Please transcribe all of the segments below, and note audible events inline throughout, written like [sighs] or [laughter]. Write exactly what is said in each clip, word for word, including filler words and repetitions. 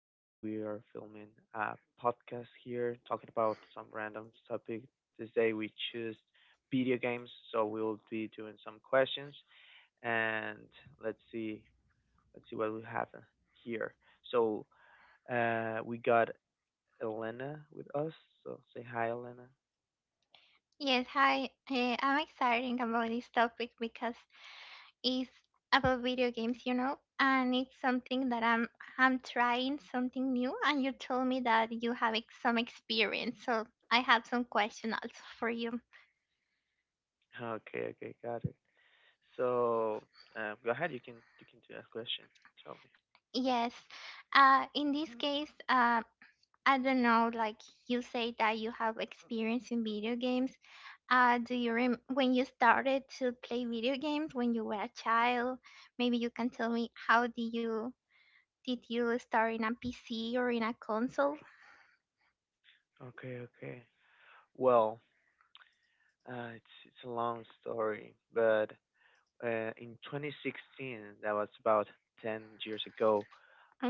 today we are filming a podcast here talking about some random topic. Today we choose video games, so we'll be doing some questions, and let's see, let's see what we have here. So uh, we got Elena with us. So say hi, Elena. Yes, hi. Uh, I'm excited about this topic because it's about video games, you know, and it's something that I'm I'm trying something new. And you told me that you have ex- some experience, so I have some questions also for you. Okay, okay, got it. So uh, go ahead, you can you can do that question. Tell Yes, uh, in this case, uh, I don't know. Like you say that you have experience in video games. Uh, do you rem- when you started to play video games when you were a child? Maybe you can tell me how do you did you start in a P C or in a console? me. Okay, okay. Well, Uh, it's it's a long story, but uh, in twenty sixteen, that was about ten years ago.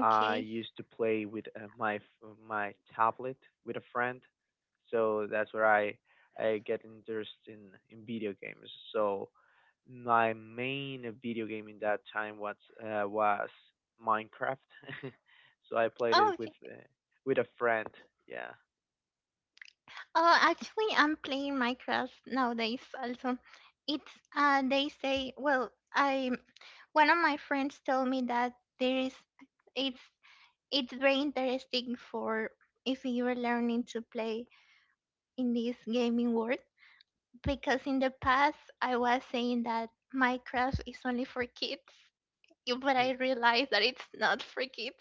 I used to play with uh, my f- my tablet with a friend, so that's where I I get interested in in video games. So my main video game in that time was uh, was Minecraft. [laughs] So I played Oh, it with okay. uh, with a friend. Yeah. Oh, actually, I'm playing Minecraft nowadays also. It's uh, they say. Well, I one of my friends told me that there is. It's it's very interesting for if you're learning to play in this gaming world, because in the past I was saying that Minecraft is only for kids, but I [laughs] realized that it's not for kids.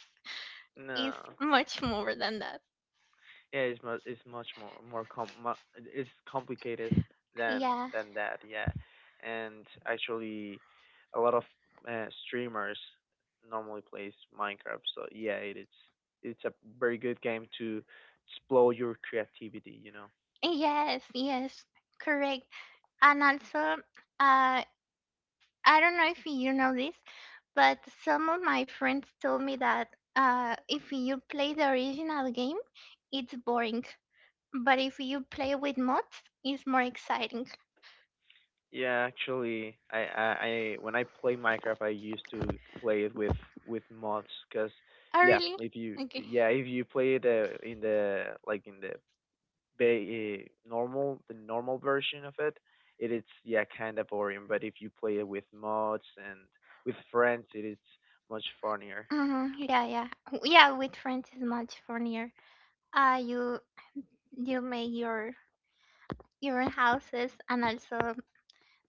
It's No. much more than that. Yeah, it's mu it's much more more com mu it's complicated than Yeah. than that, yeah. And actually, a lot of uh, streamers normally plays Minecraft, so yeah, it, it's it's a very good game to explore your creativity, you know. Yes, yes. Correct. And also, uh, I don't know if you know this, but some of my friends told me that uh, if you play the original game, it's boring. But if you play with mods, it's more exciting. Yeah, actually, I, I, I when I play Minecraft, I used to play it with with mods, cause Oh, yeah, really? if you Okay. yeah if you play it uh, in the like in the ba- eh, normal the normal version of it, it is yeah kind of boring. But if you play it with mods and with friends, it is much funnier. hmm yeah, yeah. Yeah, with friends is much funnier. Uh, you you make your your own houses, and also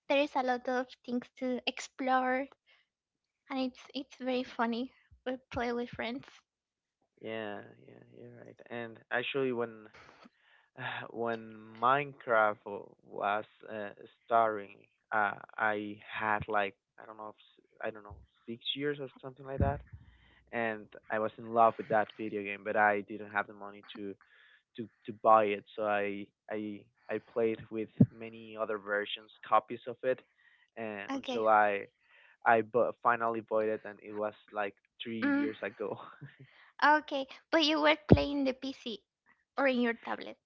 there is a lot of things to explore, and it's it's very funny. We play with friends. Yeah, yeah, you're right. And actually, when [sighs] when Minecraft w- was uh, starting, uh, I had like I don't know, if s- I don't know, six years or something like that, and I was in love with that video game, but I didn't have the money to to to buy it. So I I I played with many other versions, copies of it, and Okay. until I I bu- finally bought it, and it was like three Mm, years ago. [laughs] okay, but you were playing the P C or in your tablet.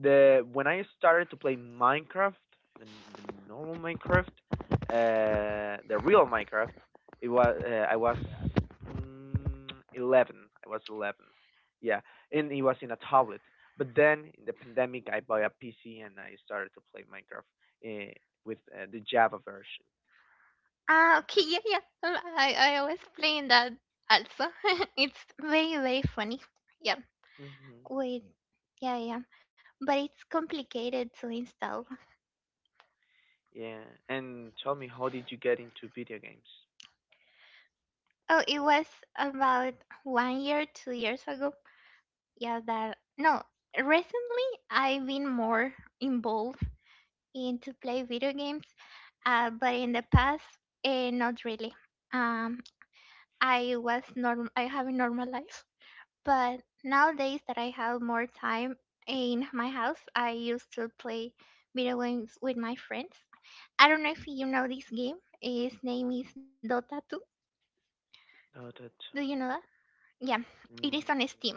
the when I started to play Minecraft, the, the normal Minecraft, uh, the real Minecraft, it was uh, I was mm, eleven. I was eleven. Yeah, and it was in a tablet. But then in the pandemic, I bought a P C and I started to play Minecraft uh, with uh, the Java version. Ah, okay, yeah, yeah. Um, I I was playing that also. [laughs] It's very very funny. Yeah. Hmm Wait. Yeah, yeah. But it's complicated to install. Yeah, and tell me, how did you get into video games? Oh, it was about one year, two years ago. Yeah, that, no. Recently, I've been more involved into play video games, uh, but in the past, uh, not really. Um, I was norm. I have a normal life, but nowadays that I have more time in my house, I used to play video games with my friends. I don't know if you know this game. Its name is Dota two. Oh, that. Do you Uh, know that? Yeah, it is Mm. on Steam.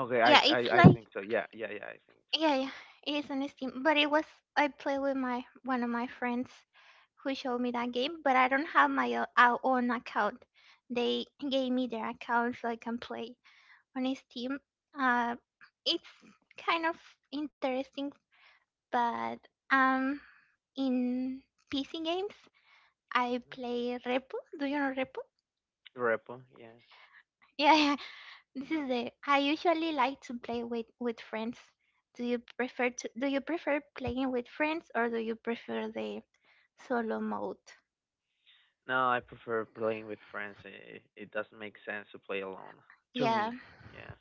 Okay, Yeah, I, I it's I like think so. Yeah, yeah, yeah, I think yeah, yeah. It is on Steam, but it was I played with my one of my friends who showed me that game, but I don't have my o- our own account. They gave me their account so I can play on Steam. Uh, it's kind of interesting, but um, in P C games, I so. play Repo. Do you know Repo? Repo, yeah. Yeah. [laughs] This is the I usually like to play with with friends. Do you prefer to do you prefer playing with friends, or do you prefer the solo mode? No, I prefer playing with friends. It, it doesn't make sense to play alone. To Yeah, me, yeah.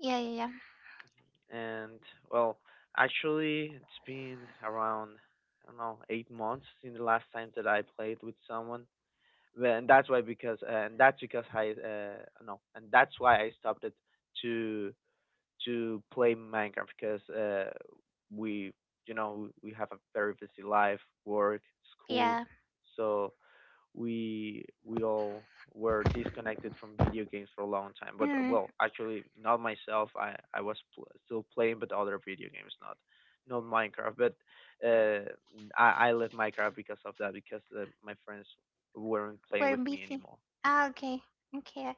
yeah, yeah, yeah, And, well, actually, it's been around, I don't know, eight months since the last time that I played with someone. Well, And that's why, because, and that's because I, uh, no, and that's why I stopped it to to play Minecraft because uh, we, you know, we have a very busy life, work, school, yeah. so we we all were disconnected from video games for a long time. But Mm, well, actually, not myself. I I was pl- still playing, but other video games, not not Minecraft. But uh, I I left Minecraft because of that because uh, my friends weren't playing we're with me busy. anymore. Ah, Hmm okay, okay.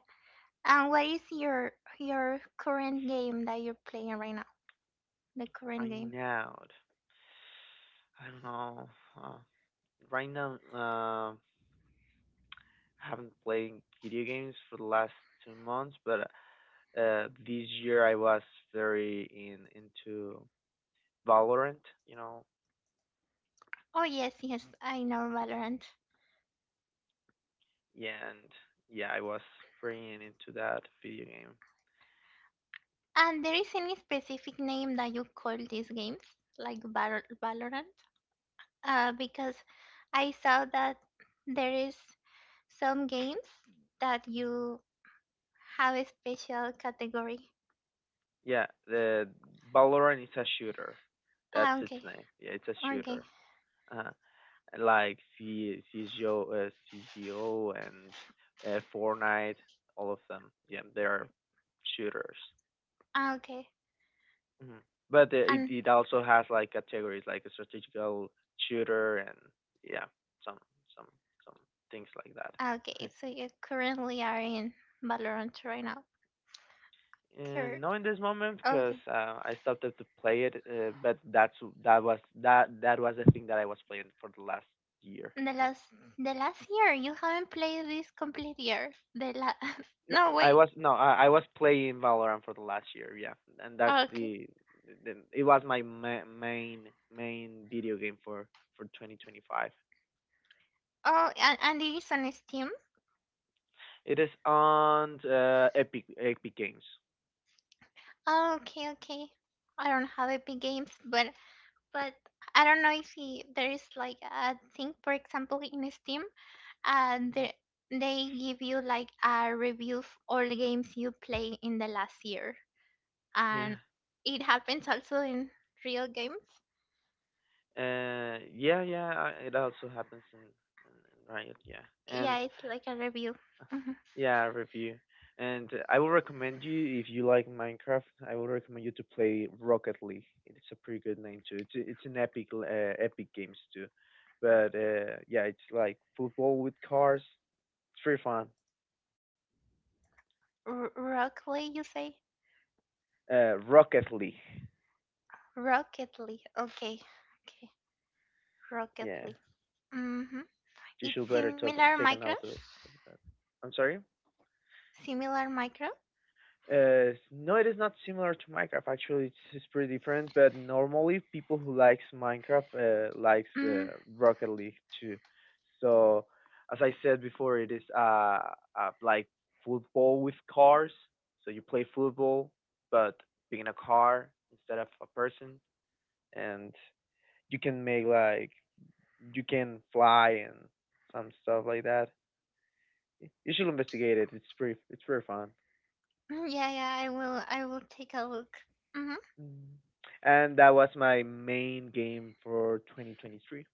And what is your your current game that you're playing right now? The current Right game. now, I don't know. Uh, Right now, uh, I haven't played video games for the last two months, but uh, this year I was very in into Valorant, you know. Oh yes, yes, I know Valorant. Yeah, and yeah, I was pretty in into that video game. And there is any specific name that you call these games, like Val Valorant? Uh, because I saw that there is some games that Mhm. you have a special category. Yeah, the Valorant is a shooter. That's Ah, its okay, name. Yeah, it's a okay. shooter. Uh, like C CS:GO, uh, CS:GO and uh, Fortnite, all of them. Yeah, they're shooters. Ah, okay. Mhm. But uh, it And it also has like categories like a strategical shooter and yeah, some some some things like that. ah, okay. So [laughs] you currently are in Valorant right now. And Cur- not in this moment because okay. uh, I stopped to play it. Uh, but that's that was that that was the thing that I was playing for the last year. The [laughs] last, the last year you haven't played this complete year. The la- [laughs] no, no, I wait. was no, I, I was playing Valorant for the last year. Yeah, and that's Okay. the, the it was my ma- main main video game for for twenty twenty-five. Oh, and, and it is on Steam. It is on uh, Epic Epic Games. Oh, okay, okay. I don't have Epic Games, but But I don't know if he, there is like a thing, for example, in Steam, and Hmm the they give you like a review of all the games you play in the last year, Yeah. and it happens also in real games. Uh, yeah, yeah. I- It also happens in, in, in, Riot. Yeah, and Yeah, it's like a review. uh, Mhm. yeah, review. And uh, I will recommend you if you like Minecraft. I will recommend you to play Rocket League. It's a pretty good name too. It's it's an Epic uh, Epic Games too. But uh, yeah, it's like football with cars. It's pretty fun. R- Rockley, you say? Uh, Rocket League. Rocket League. Okay, okay, Rocket Yeah, League. Mm-hmm. you should It's better talk, similar take a note micros. of of that. I'm sorry. Similar micro. Uh, no, it is not similar to Minecraft. Actually, it's, it's pretty different. But normally, people who likes Minecraft uh, likes Mm. uh, Rocket League too. So, as I said before, it is uh, uh like football with cars. So you play football, but being a car instead of a person, and you can make like you can fly and some stuff like that. You should investigate it. It's pretty. It's pretty fun. Yeah, yeah. I will. I will take a look. Mhm. Mm. And that was my main game for twenty twenty-three.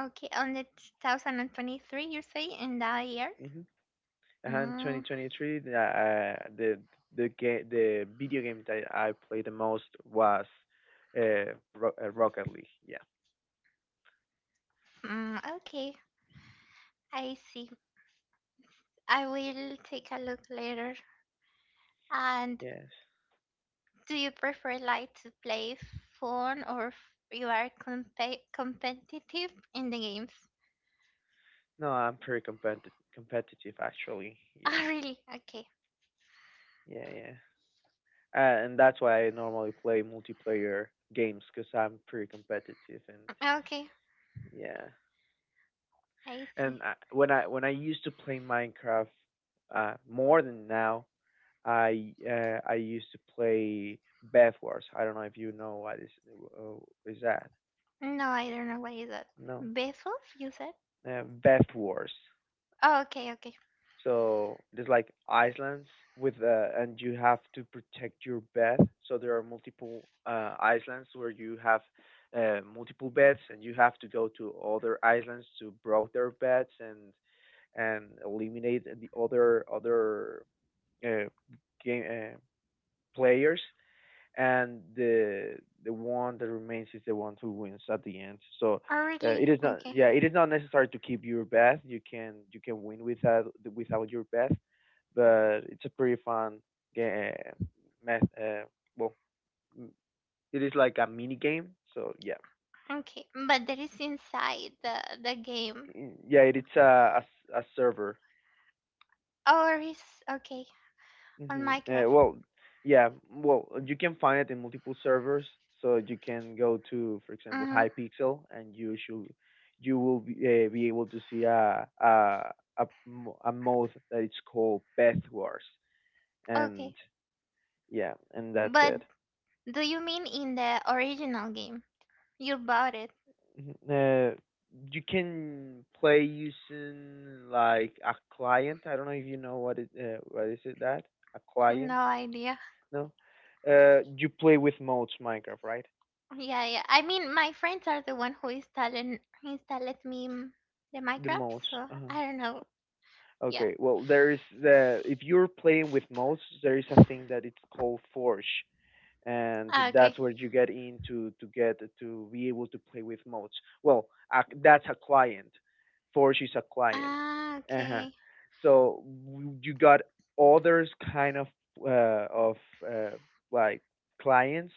Okay, on the two thousand twenty-three, you say, in that year? Hmm And Mm, twenty twenty-three, the, uh, the the ga- the video game that I played the most was uh, Ro- uh, Rocket League. Yeah. mm, okay, I see. I will take a look later. And Yes. do you prefer like to play phone, or f- you are compe- competitive in the games? [laughs] No, I'm pretty competitive, competitive actually. Yeah. Ah, really? Okay, Yeah, yeah. Uh, and that's why I normally play multiplayer games because I'm pretty competitive and okay, yeah. I And see. I, when I when I used to play Minecraft uh, more than now, I uh, I used to play Bed Wars. I don't know if you know what is uh, is that. No, I don't know what is that. No, Vessels, you said? uh, Beth Wars. Oh, okay, okay. So there's like islands with uh, and you have to protect your bed. So there are multiple uh, islands where you have uh, multiple beds and you have to go to other islands to break their beds and and eliminate the other other uh, game uh, players and the the one that remains is the one who wins at the end. So Oh, uh, really? it is not Okay, yeah it is not necessary to keep your best. You can you can win without without your best, but it's a pretty fun game. Math, uh, well, it is like a mini game. So yeah, okay. But that is inside the the game. mm, yeah, it's a a a server. Oh, there is okay. On Mm-hmm. Uh, Minecraft. well, yeah. Well, you can find it in multiple servers. So you can go to, for example, Mm-hmm. Hypixel, and you should you will be, uh, be able to see a a a, mo- a mode that it's called Path Wars, and Okay. yeah, and that's But it. do you mean in the original game? You bought it. Mhm. Uh, you can play using like a client. I don't know if you know what it uh, what is it that a client. No idea. No, uh, you play with modes Minecraft, right? Yeah, yeah. I mean, my friends are the one who installed installed me m- the The Minecraft, modes. so Uh-huh. I don't know. Yeah. Okay. Well, there is the if you're playing with modes, there is a thing that it's called Forge, and Ah, okay. that's where you get in to to get to be able to play with modes. Well, uh, that's a client. Forge is a client. Ah, Uh-huh. okay. So you got others kind of uh, of uh, like clients.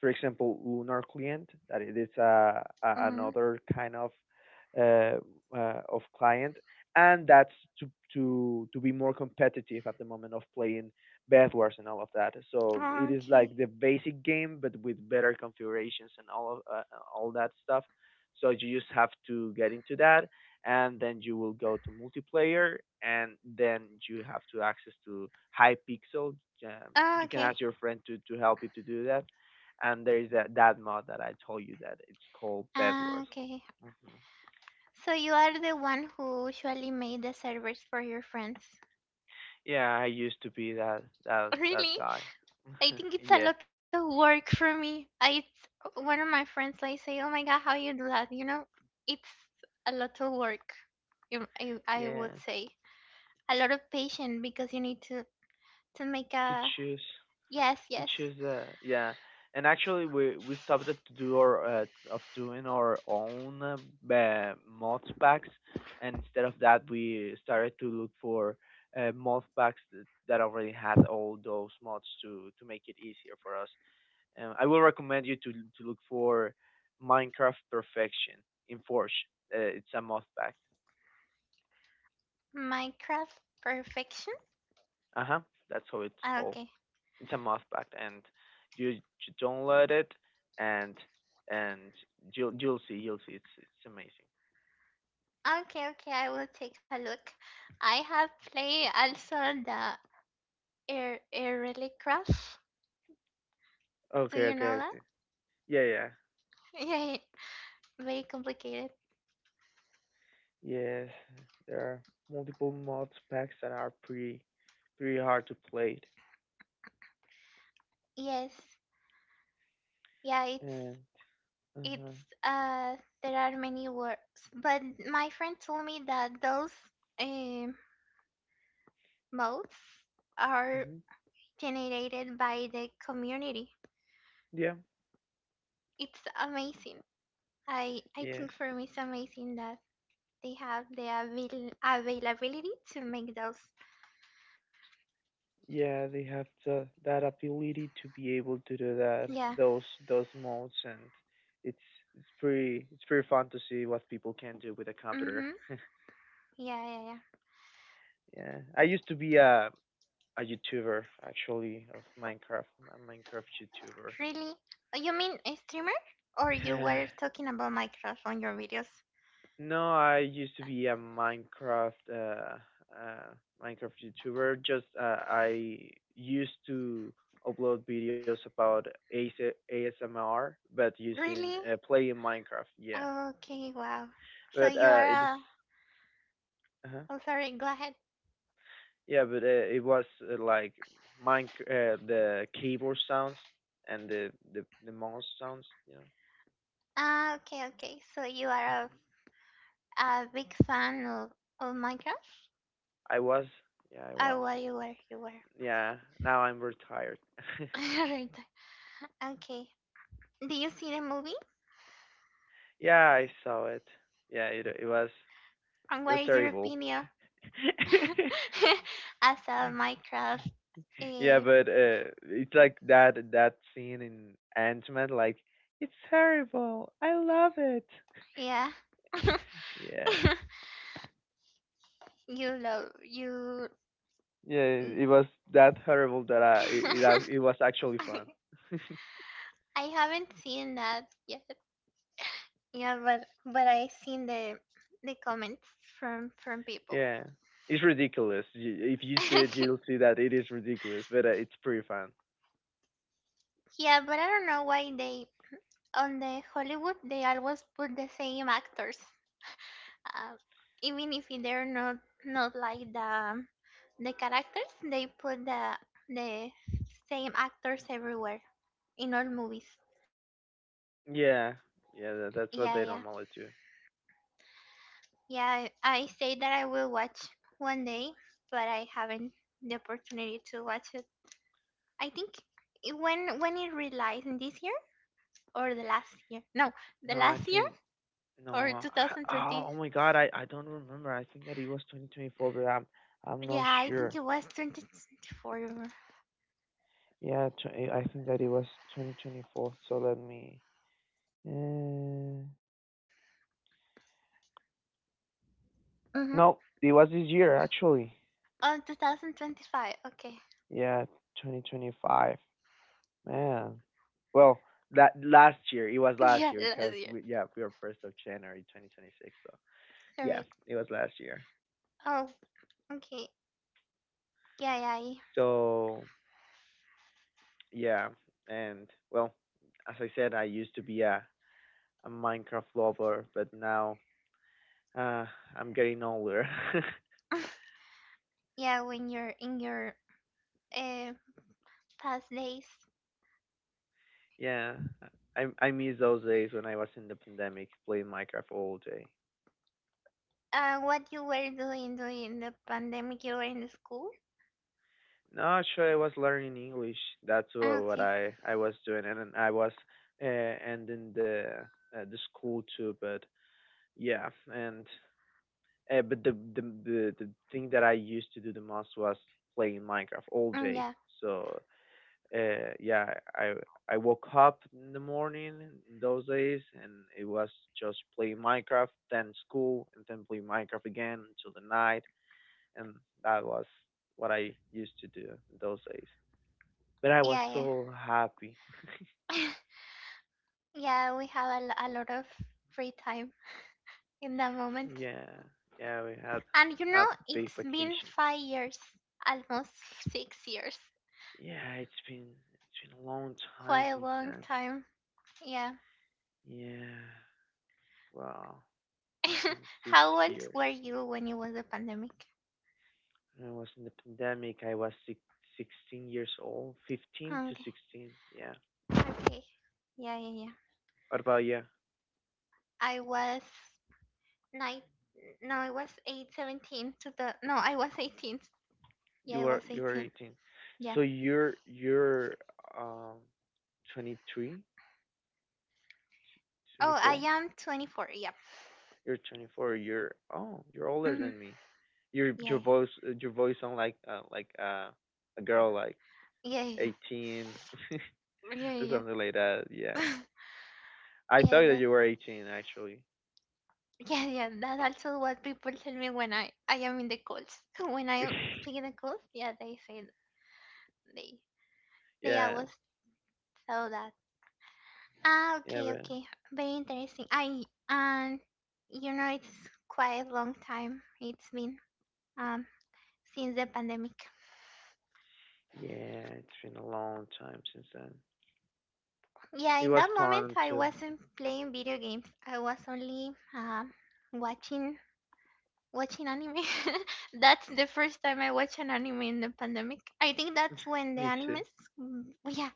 For example, Lunar client that it is a, a Mm-hmm. another kind of uh, uh, of client, and that's to to to be more competitive at the moment of playing Bed Wars and all of that. So it is Okay. like the basic game, but with better configurations and all of uh, all that stuff. So you just have to get into that, and then you will go to multiplayer, and then you have to access to Hypixel. Um, Ah, you can okay. ask your friend to to help you to do that, and there is that that mod that I told you that it's called Bed Ah, Wars. okay. Hmm So you are the one who usually made the servers for your friends. Yeah, I used to be that that [laughs] that Really? guy. I think [laughs] it's a Yeah, lot of work for me. I it's one of my friends I say, "Oh my god, how you do that?" You know, it's a lot of work. you- I I yeah. would say a lot of patience because you need to to make To a. choose. Yes, To yes. choose uh yeah, and actually we we stopped it to do our uh, of doing our own uh, ba- mod packs, and instead of that we started to look for uh, mod packs th- that already had all those mods to to make it easier for us. Um, I will recommend you to to look for Minecraft Perfection in Forge. uh, it's a mod pack. Minecraft perfection. Uh-huh. That's how it's Ah, called. okay, It's a must fact, and you, you don't let it, and and you'll you'll see you'll see it's it's amazing. okay, okay. I will take a look. I have played also the air air really craft. Do Okay, you okay, know I that? see. Yeah, yeah. [laughs] Yeah, very complicated. Yes, there are multiple mod packs that are pretty, pretty hard to play. Yes, yeah. It's And uh-huh. it's uh There are many words, but my friend told me that those um modes are hmm generated by the community. Yeah. It's amazing. I i Yes. think for me it's amazing that they have the avail- availability to make those. Yeah, they have the that ability to be able to do that Yeah. those those modes and it's it's pretty it's pretty fun to see what people can do with a computer. Mm-hmm. [laughs] Yeah, yeah, yeah. Yeah, I used to be a a YouTuber actually of Minecraft, a Minecraft YouTuber. Really? You mean a streamer, or you were talking about Minecraft on your videos? [sighs] No, I used to be a Minecraft uh, uh Minecraft YouTuber. Just uh, I used to upload videos about A S- A S M R, but using Really? uh, playing Minecraft. Yeah, Okay. Wow. So but you uh, are it- it's a. uh Oh, sorry, go ahead. yeah, but uh, it was uh, like mine uh, the keyboard sounds and the the the mouse sounds. Ah, okay, okay. So you Yeah. are a, a big fan of, of Minecraft? I was. Yeah, I Or was. what you were, you were. Yeah, now I'm retired. [laughs] [laughs] Right. Okay. Did you see the movie? Yeah, I saw it. Yeah, it it was And it what was is your terrible. opinion [laughs] [laughs] as a Minecraft? Yeah, Uh, but uh, it's like that that scene in Ant-Man, like it's terrible. I love it. yeah. Yeah. [laughs] You love, you. Yeah, it [laughs] was that horrible that I it it uh, it was actually fun. I haven't seen that yet. Yeah, but but I seen the the comments from from people. Yeah. It's ridiculous. You- If you see it, [laughs] you'll see that it is ridiculous, but uh, it's pretty fun. Yeah, but I don't know why they on the Hollywood they always put the same actors, uh, even if they're not not like the the characters. They put the the same actors everywhere in all movies. Yeah. Yeah, that, that's what Yeah, they yeah, normally do. yeah. I, I say that I will watch one day, but I haven't the opportunity to watch it. I think it- when when it released this year or the last year? No, the No, I last year think or no. I, oh, twenty twenty. oh my God, I I don't remember. I think that it was twenty twenty-four, but I'm I'm not Yeah, I think sure. it was twenty twenty-four. Yeah, tw I think that it was twenty twenty-four. So let me. Uh, Mm-hmm. no, it was this year actually. Oh, two thousand twenty-five. Okay. Yeah, twenty twenty-five. Man, well, that last year it was [laughs] last Yeah, year last because year. we yeah we were first of January two thousand twenty-six. So yeah, Correct. it was last year. Oh, okay. Yeah, yeah. So yeah, and well, as I said, I used to be a a Minecraft lover, but now uh, I'm getting older. [laughs] I- [laughs] Yeah, when you're in your uh, past days, Yeah, I I miss those days when I was in the pandemic playing Minecraft all day. uh, what you were doing during the pandemic, you were in the school? No, actually, I was learning English. That's wha- what Okay. I I was doing, and then I was uh, ending the uh, the school too. But yeah, and uh, but the, the the the thing that I used to do the most was playing Minecraft all Mm, day. yeah, So uh, yeah, I I woke up in the morning in those days, and it was just playing Minecraft, then school, and then play Minecraft again until the night, and that was what I used to do in those days. But I was yeah, so happy. yeah. [laughs] Yeah, we have a, lo- a lot of free time in that moment. Yeah, yeah, we had And you know, a big it's been vacation. five years, almost six years. Yeah, it's been it's been a long time Quite a since long then. time. Yeah. Yeah, wow, it's been [laughs] six How old years. were you when it was a pandemic? I was in the pandemic. I was six, sixteen years old, fifteen to Okay. sixteen. Yeah. Okay. Yeah, yeah, yeah. What about you? I was nine. No, I was eight, seventeen to the. No, I was eighteen. Yeah, I You was are you are eighteen. eighteen. Yeah. So you're you're um twenty. Oh, I am twenty-four. Yeah. You're twenty-four. You're, oh, you're older Mm-hmm. than me. Your your Yeah, voice your voice sound like uh, like uh, a girl, like yeah, yeah, eighteen yeah, [laughs] or yeah, something like that. Yeah. yeah. [laughs] I Yeah, thought that that, you were eighteen actually. yeah, yeah. That also what people tell me when I I am in the calls. [laughs] When I am in the [laughs] calls, yeah, they say th- they they Yeah. always tell that. Ah, Yeah, okay, but okay. Very interesting. I um, you know, it's quite a long time. It's been um since the pandemic. Yeah, it's been a long time since then. Yeah, It in was that moment, fun I too. wasn't playing video games. I was only um watching watching anime. [laughs] That's the first time I watched an anime in the pandemic. I think that's when the Me too. animes. Mm, yeah,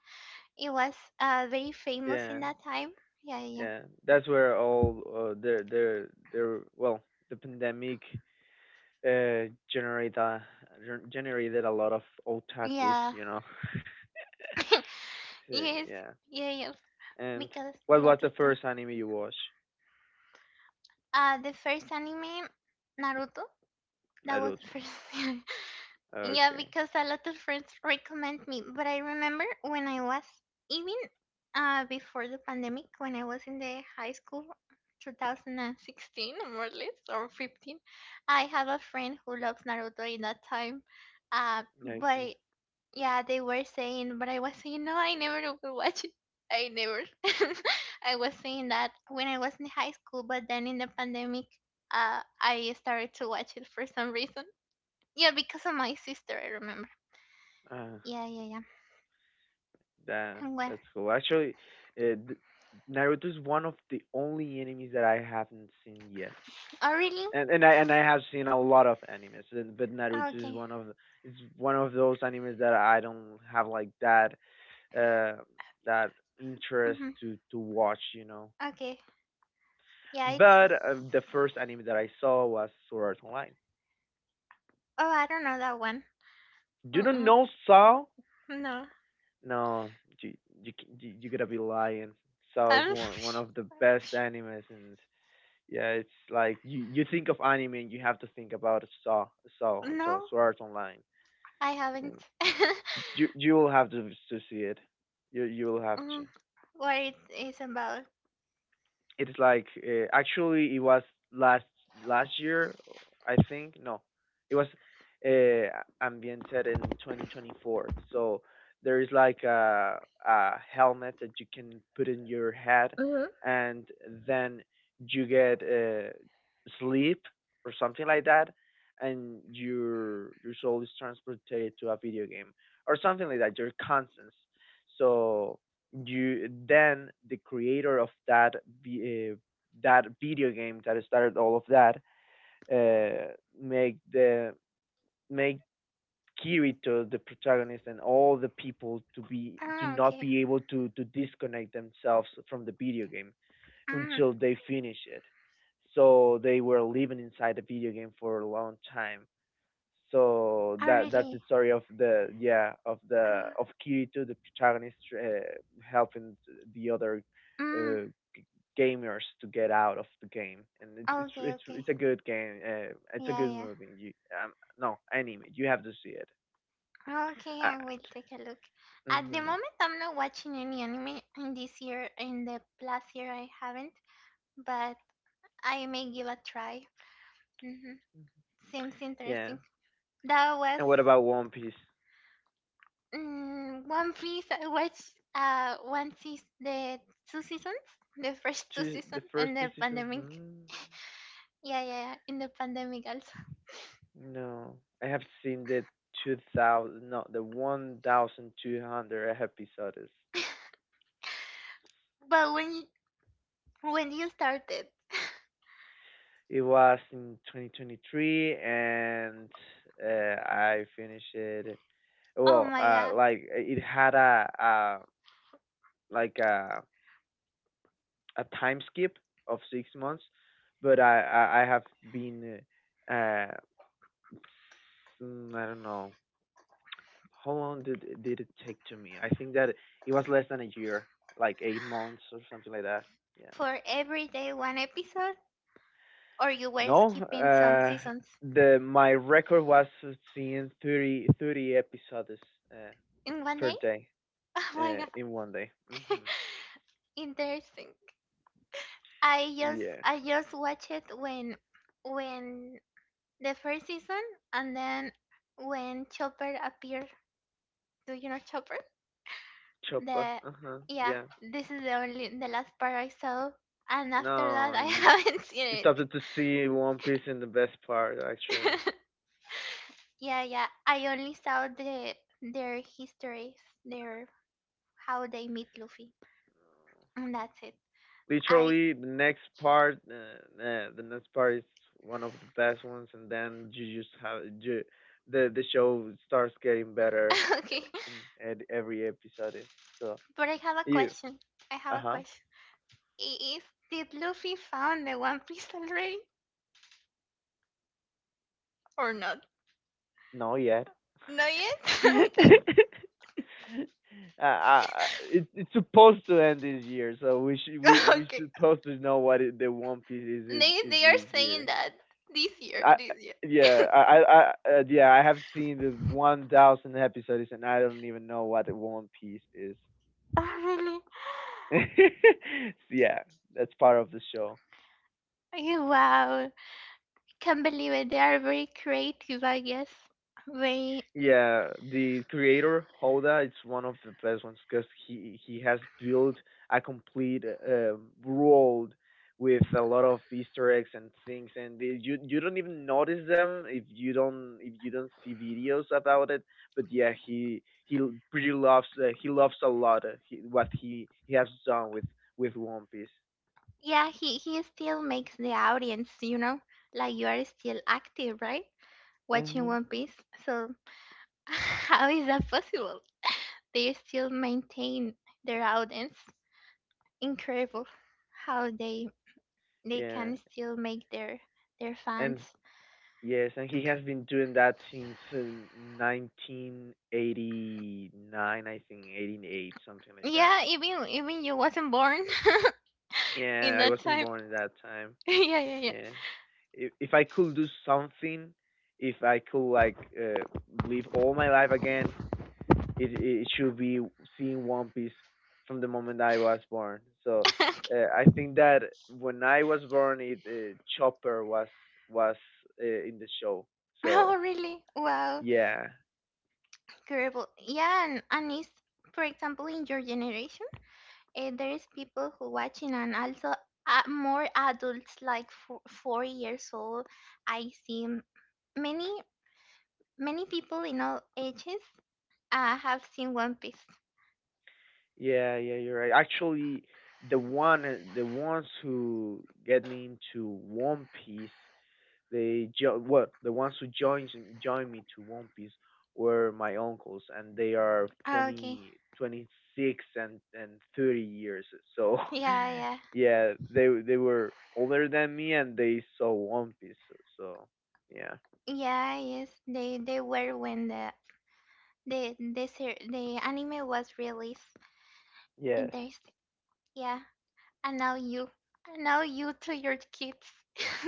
it was uh very famous in Yeah, that time. Yeah, yeah, yeah. yeah. That's where all uh, their their their well, the pandemic uh generated a, gen- generated a lot of otakus, you know. [laughs] [laughs] So, Yes, yeah. yeah, yeah. And Because what was lot of the time. first anime you watched? Uh, the first anime, Naruto. That was the Naruto. first. [laughs] Yeah, Okay. because a lot of friends recommend me. But I remember when I was even uh before the pandemic, when I was in the high school, two thousand sixteen more or less, or fifteen, I have a friend who loves Naruto in that time. Uh, Yeah, I see. but yeah, they were saying, but I was saying, no, I never will watch it. I never. [laughs] I was saying that when I was in high school, but then in the pandemic, uh, I started to watch it for some reason. Yeah, because of my sister, I remember. Uh, Yeah, yeah, yeah. that And well, that's cool. Actually, uh, th- Naruto is one of the only enemies that I haven't seen yet, oh really? and and I and I have seen a lot of animes, and- but Mm, Naruto is okay. one of, it's one of those animes that I don't have, like, that uh, that interest Mm-hmm. to to watch, you know. Okay. Yeah, it's. But uh, the first anime that I saw was Sword Art Online. Oh, I don't know that one. You don't Mm-mm. know Saw? No. No, you you c- you, you gotta be lying. Saw is I'm. [laughs] one one of the best animes, and yeah, it's like you you think of anime, and you have to think about Saw Saw so No, Sword Art Online. I haven't. [laughs] you you will have to to see it. You you will have to. Mm, what it is about? It's like uh, actually it was last last year, I think. No, it was uh, ambiented in twenty twenty-four. So there is like a a helmet that you can put in your head, and then you get uh, sleep or something like that, and your your soul is transported to a video game or something like that. Your conscience. So you then the creator of that, uh, that video game that started all of that, uh, make the make Kirito the protagonist and all the people to be, Ah, to okay. not be able to to disconnect themselves from the video game Mm. until they finish it. So they were living inside the video game for a long time, so Oh, that that's really? the story of the, yeah of the, of Ah, Kirito the protagonist, uh, helping the other, mm. uh, g- gamers to get out of the game, and it's it's Okay, it's okay. it's a good game, uh, it's a Yeah, good yeah. movie. You um, no anime, you have to see it, Okay, uh, I will take a look. At the hmm moment, I'm not watching any anime in this year. In the last year, I haven't, but I may give a try. hmm Seems yeah interesting. That was And what about One Piece? mm, One Piece. I watched uh one season, the two seasons, the first two Two the seasons, first and two the seasons. pandemic. hmm, Yeah, yeah, yeah. In the pandemic also. No, I have seen the two thousand, no, the one thousand two hundred episodes. But when you, when you started. It was in twenty twenty-three, and uh, I finished it. Oh Well, my uh, god. like it had a, a like a a time skip of six months, but I I, I have been, uh, uh, mm, I don't know how long did did it take to me. I think that it was less than a year, like eight months or something like that. Yeah. For every day one episode? Or you were No, skipping some uh, seasons the my record was seeing thirty thirty episodes, uh, in one per day? [laughs] day, Oh my uh, in god. one day. Hmm. [laughs] Interesting. I just Yeah, I just watched it when when the first season, and then when Chopper appeared. Do you know Chopper? Chopper. The Uh huh. yeah, Yeah. this is the only the last part I saw, and after that No, I [laughs] you haven't seen you anything. started to see One Piece in the best part actually. [laughs] Yeah, yeah. I only saw the their histories, their how they meet Luffy. And that's it. I Literally, the next part, uh, uh, the next part is one of the best ones, and then you just have you, the the show starts getting better, [laughs] uh, okay, in ed- every episode. So but I have a you. question. I Uh have a huh. question. I- Is did Luffy found the One Piece already or not? No yet. Not yet. [laughs] [laughs] uh, Okay. uh, it, it's supposed to end this year, so we should we [laughs] we Okay. supposed to know what, it, the One Piece is is, They is they are this saying year. that this year, I this year. yeah I I, I uh, yeah I have seen the one thousand episodes, and I don't even know what the One Piece is. [laughs] Oh really? [laughs] So, yeah, that's part of the show. Okay. Wow, can't believe it. They are very creative, I guess. Very Yeah, the creator Holda, it's one of the best ones because he he has built a complete, uh, world with a lot of Easter eggs and things, and they, you you don't even notice them if you don't, if you don't see videos about it. But yeah, he he l- pretty loves, uh, he loves a lot, uh, he, what he he has done with with One Piece. yeah. He he still makes the audience, you know, like you are still active, right? Watching Hmm. One Piece. So [laughs] how is that possible? They still maintain their audience. Incredible how they they Yeah, can still make their their fans. and yes, and he has been doing that since uh, nineteen eighty-nine, I think, eighty-eight, something like that. Yeah, even even you wasn't born [laughs] in Yeah, I that wasn't time. born at that time. [laughs] Yeah, yeah, Yeah. If, if I could do something, if I could, like, uh, live all my life again, it, it should be seeing One Piece from the moment I was born. So yeah. uh, I think that when I was born, it uh, Chopper was was uh, in the show. [laughs] Oh, So really? Wow, yeah. incredible. Yeah, and, and it's for example in your generation, uh, there is people who watching, and also uh, more adults like four, four years old. I see many many people in all ages I have seen One Piece. Yeah, yeah, you're right. Actually, the one, uh, the ones who get me into One Piece, they jo- well, the ones who joined joined me to One Piece were my uncles, and they are Okay. twenty, twenty six, and and thirty years. So, Yeah, yeah. [laughs] yeah, they they were older than me, and they saw One Piece. So, yeah. Yeah, yes. They they were when the the the ser- the anime was released. Yes. Interesting. Yeah. And now you and now you to your kids. [laughs]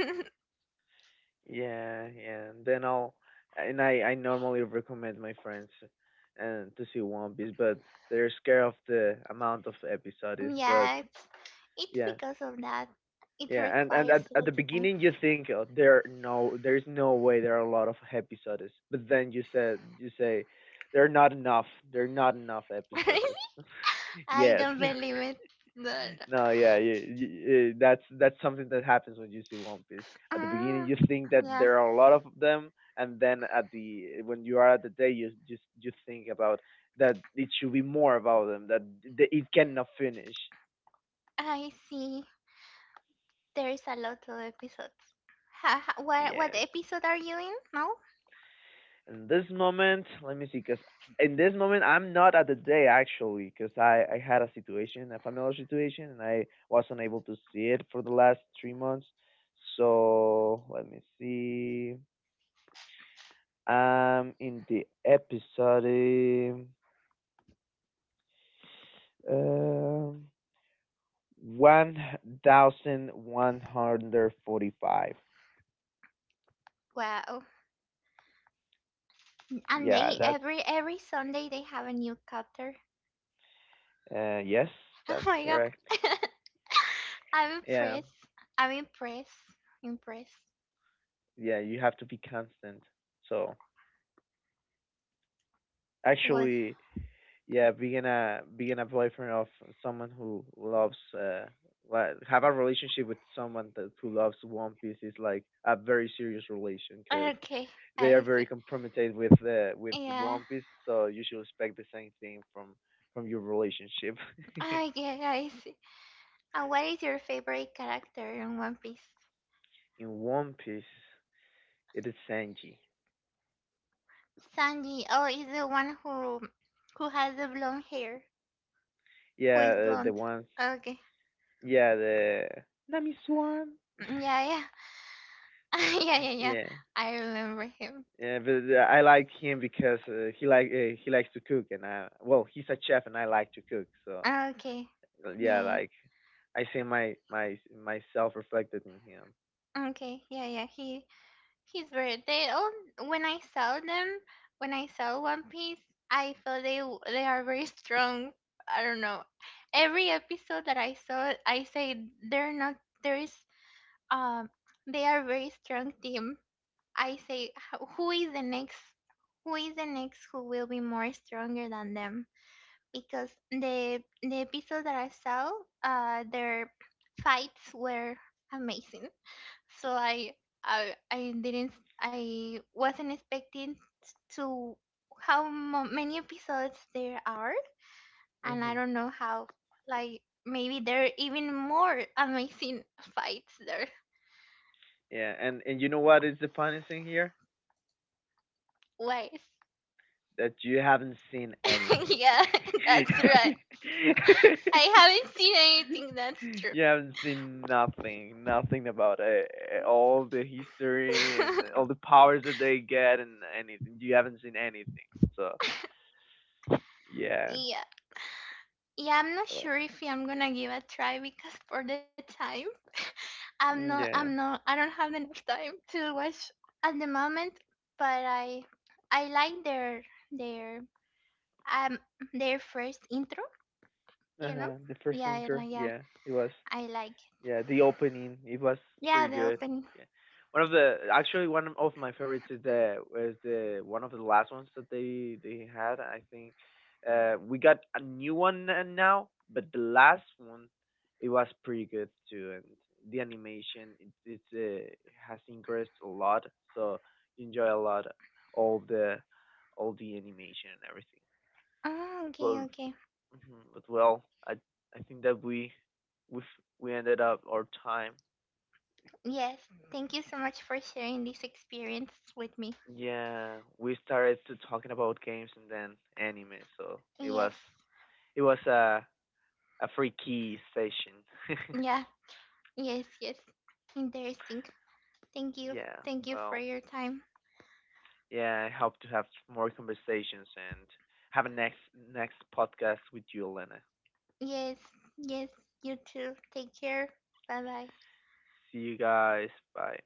Yeah, yeah. And then I'll and I I normally recommend my friends and to see One Piece, but they're scared of the amount of episodes. But Yeah, it's it's yeah, because of that. It yeah. And and requires at, a at lot the of time. beginning you think, oh, there are no, there's no way there are a lot of episodes, but then you said you say there are not enough. There are not enough episodes. [laughs] [laughs] I Yes. don't believe it. No, no. No, yeah, yeah, y- y- eh, that's that's something that happens when you see One Piece. At the beginning, Ah, you think that yeah, there are a lot of them, and then at the when you are at the day, you just you think about that it should be more about them, that th- it cannot finish. I see. There is a lot of episodes. Ha, ha, what what Yes. episode are you in now? In this moment, let me see, cause in this moment I'm not at the day actually, cause I I had a situation, a familiar situation, and I was not able to see it for the last three months. So let me see. I'm in the episode, um, um, one thousand one hundred forty-five. Wow. And Yeah, they that's, every every Sunday they have a new chapter. uh, yes, [laughs] Oh that's my god. correct. [laughs] I'm Yeah, impressed. I'm impressed. Impressed. yeah, you have to be constant. So What? actually, yeah, being a, being a boyfriend of someone who loves, uh like have a relationship with someone that who loves One Piece, is like a very serious relation, because Okay, they are I very see. compromised with, uh, with Yeah. One Piece, so you should expect the same thing from from your relationship. [laughs] I get I see. And what is your favorite character in One Piece? In One Piece, it is Sanji. Sanji. Oh, is the one who who has the blonde hair. Who is Yeah, uh, the blonde. ones. Okay. Yeah, the Nami Swan. Mm, yeah, yeah. [laughs] Yeah, yeah, yeah. Yeah. I remember him. Yeah, but uh, I like him because, uh, he like uh, he likes to cook, and I, well, he's a chef, and I like to cook. So Okay. yeah, Yeah, like I see my my myself reflected in him. yeah. Okay. Yeah, yeah. He His birthday. They when I saw them, when I saw One Piece, I feel they w- they are very strong. I don't know. Every episode that I saw, I say they're not. There is um, they are very strong team. I say "H- who is the next? Who is the next who will be more stronger than them? Because the the episode that I saw, uh, their fights were amazing, so I I I didn't I wasn't expecting to how mo- many episodes there are, and I Hmm. don't know how like maybe there are even more amazing [laughs] fights there. Yeah, and and you know what is the funniest thing here? Ways. That you haven't seen [laughs] anything. Yeah, [laughs] that's right. [laughs] I haven't seen anything, that's true. You haven't seen nothing, nothing about, uh, uh, all the history and all the powers that they get and anything. You haven't seen anything. So [laughs] yeah, Yeah. Yeah, I'm not well, sure if I'm gonna give a try because for the time. I'm not. mm, I'm yeah. not. I don't have enough time to watch at the moment. But I, I like their their um their first intro. You know. Uh-huh. The first Yeah. I intro, like. Yeah. yeah, it was. I like. Yeah, the opening, it was Yeah. pretty The good. opening. Yeah, one of the, actually one of my favorites, is the was the one of the last ones that they they had. I think uh we got a new one uh, now, but the last one, it was pretty good too, and the animation, it it's uh, has increased a lot, so you enjoy a lot all the, all the animation and everything. Oh, okay. But Okay. mhm, but well, I I think that we we we ended up our time. Yes. Thank you so much for sharing this experience with me. Yeah, we started to talking about games and then anime, so it was, Yes. it was a a free key session. [laughs] Yeah. Yes. Yes. Interesting. Thank you. Yeah, Thank you for well, your time. yeah, I hope to have more conversations and have a next next podcast with you, Elena. Yes. Yes. You too. Take care. Bye bye. See you guys. Bye.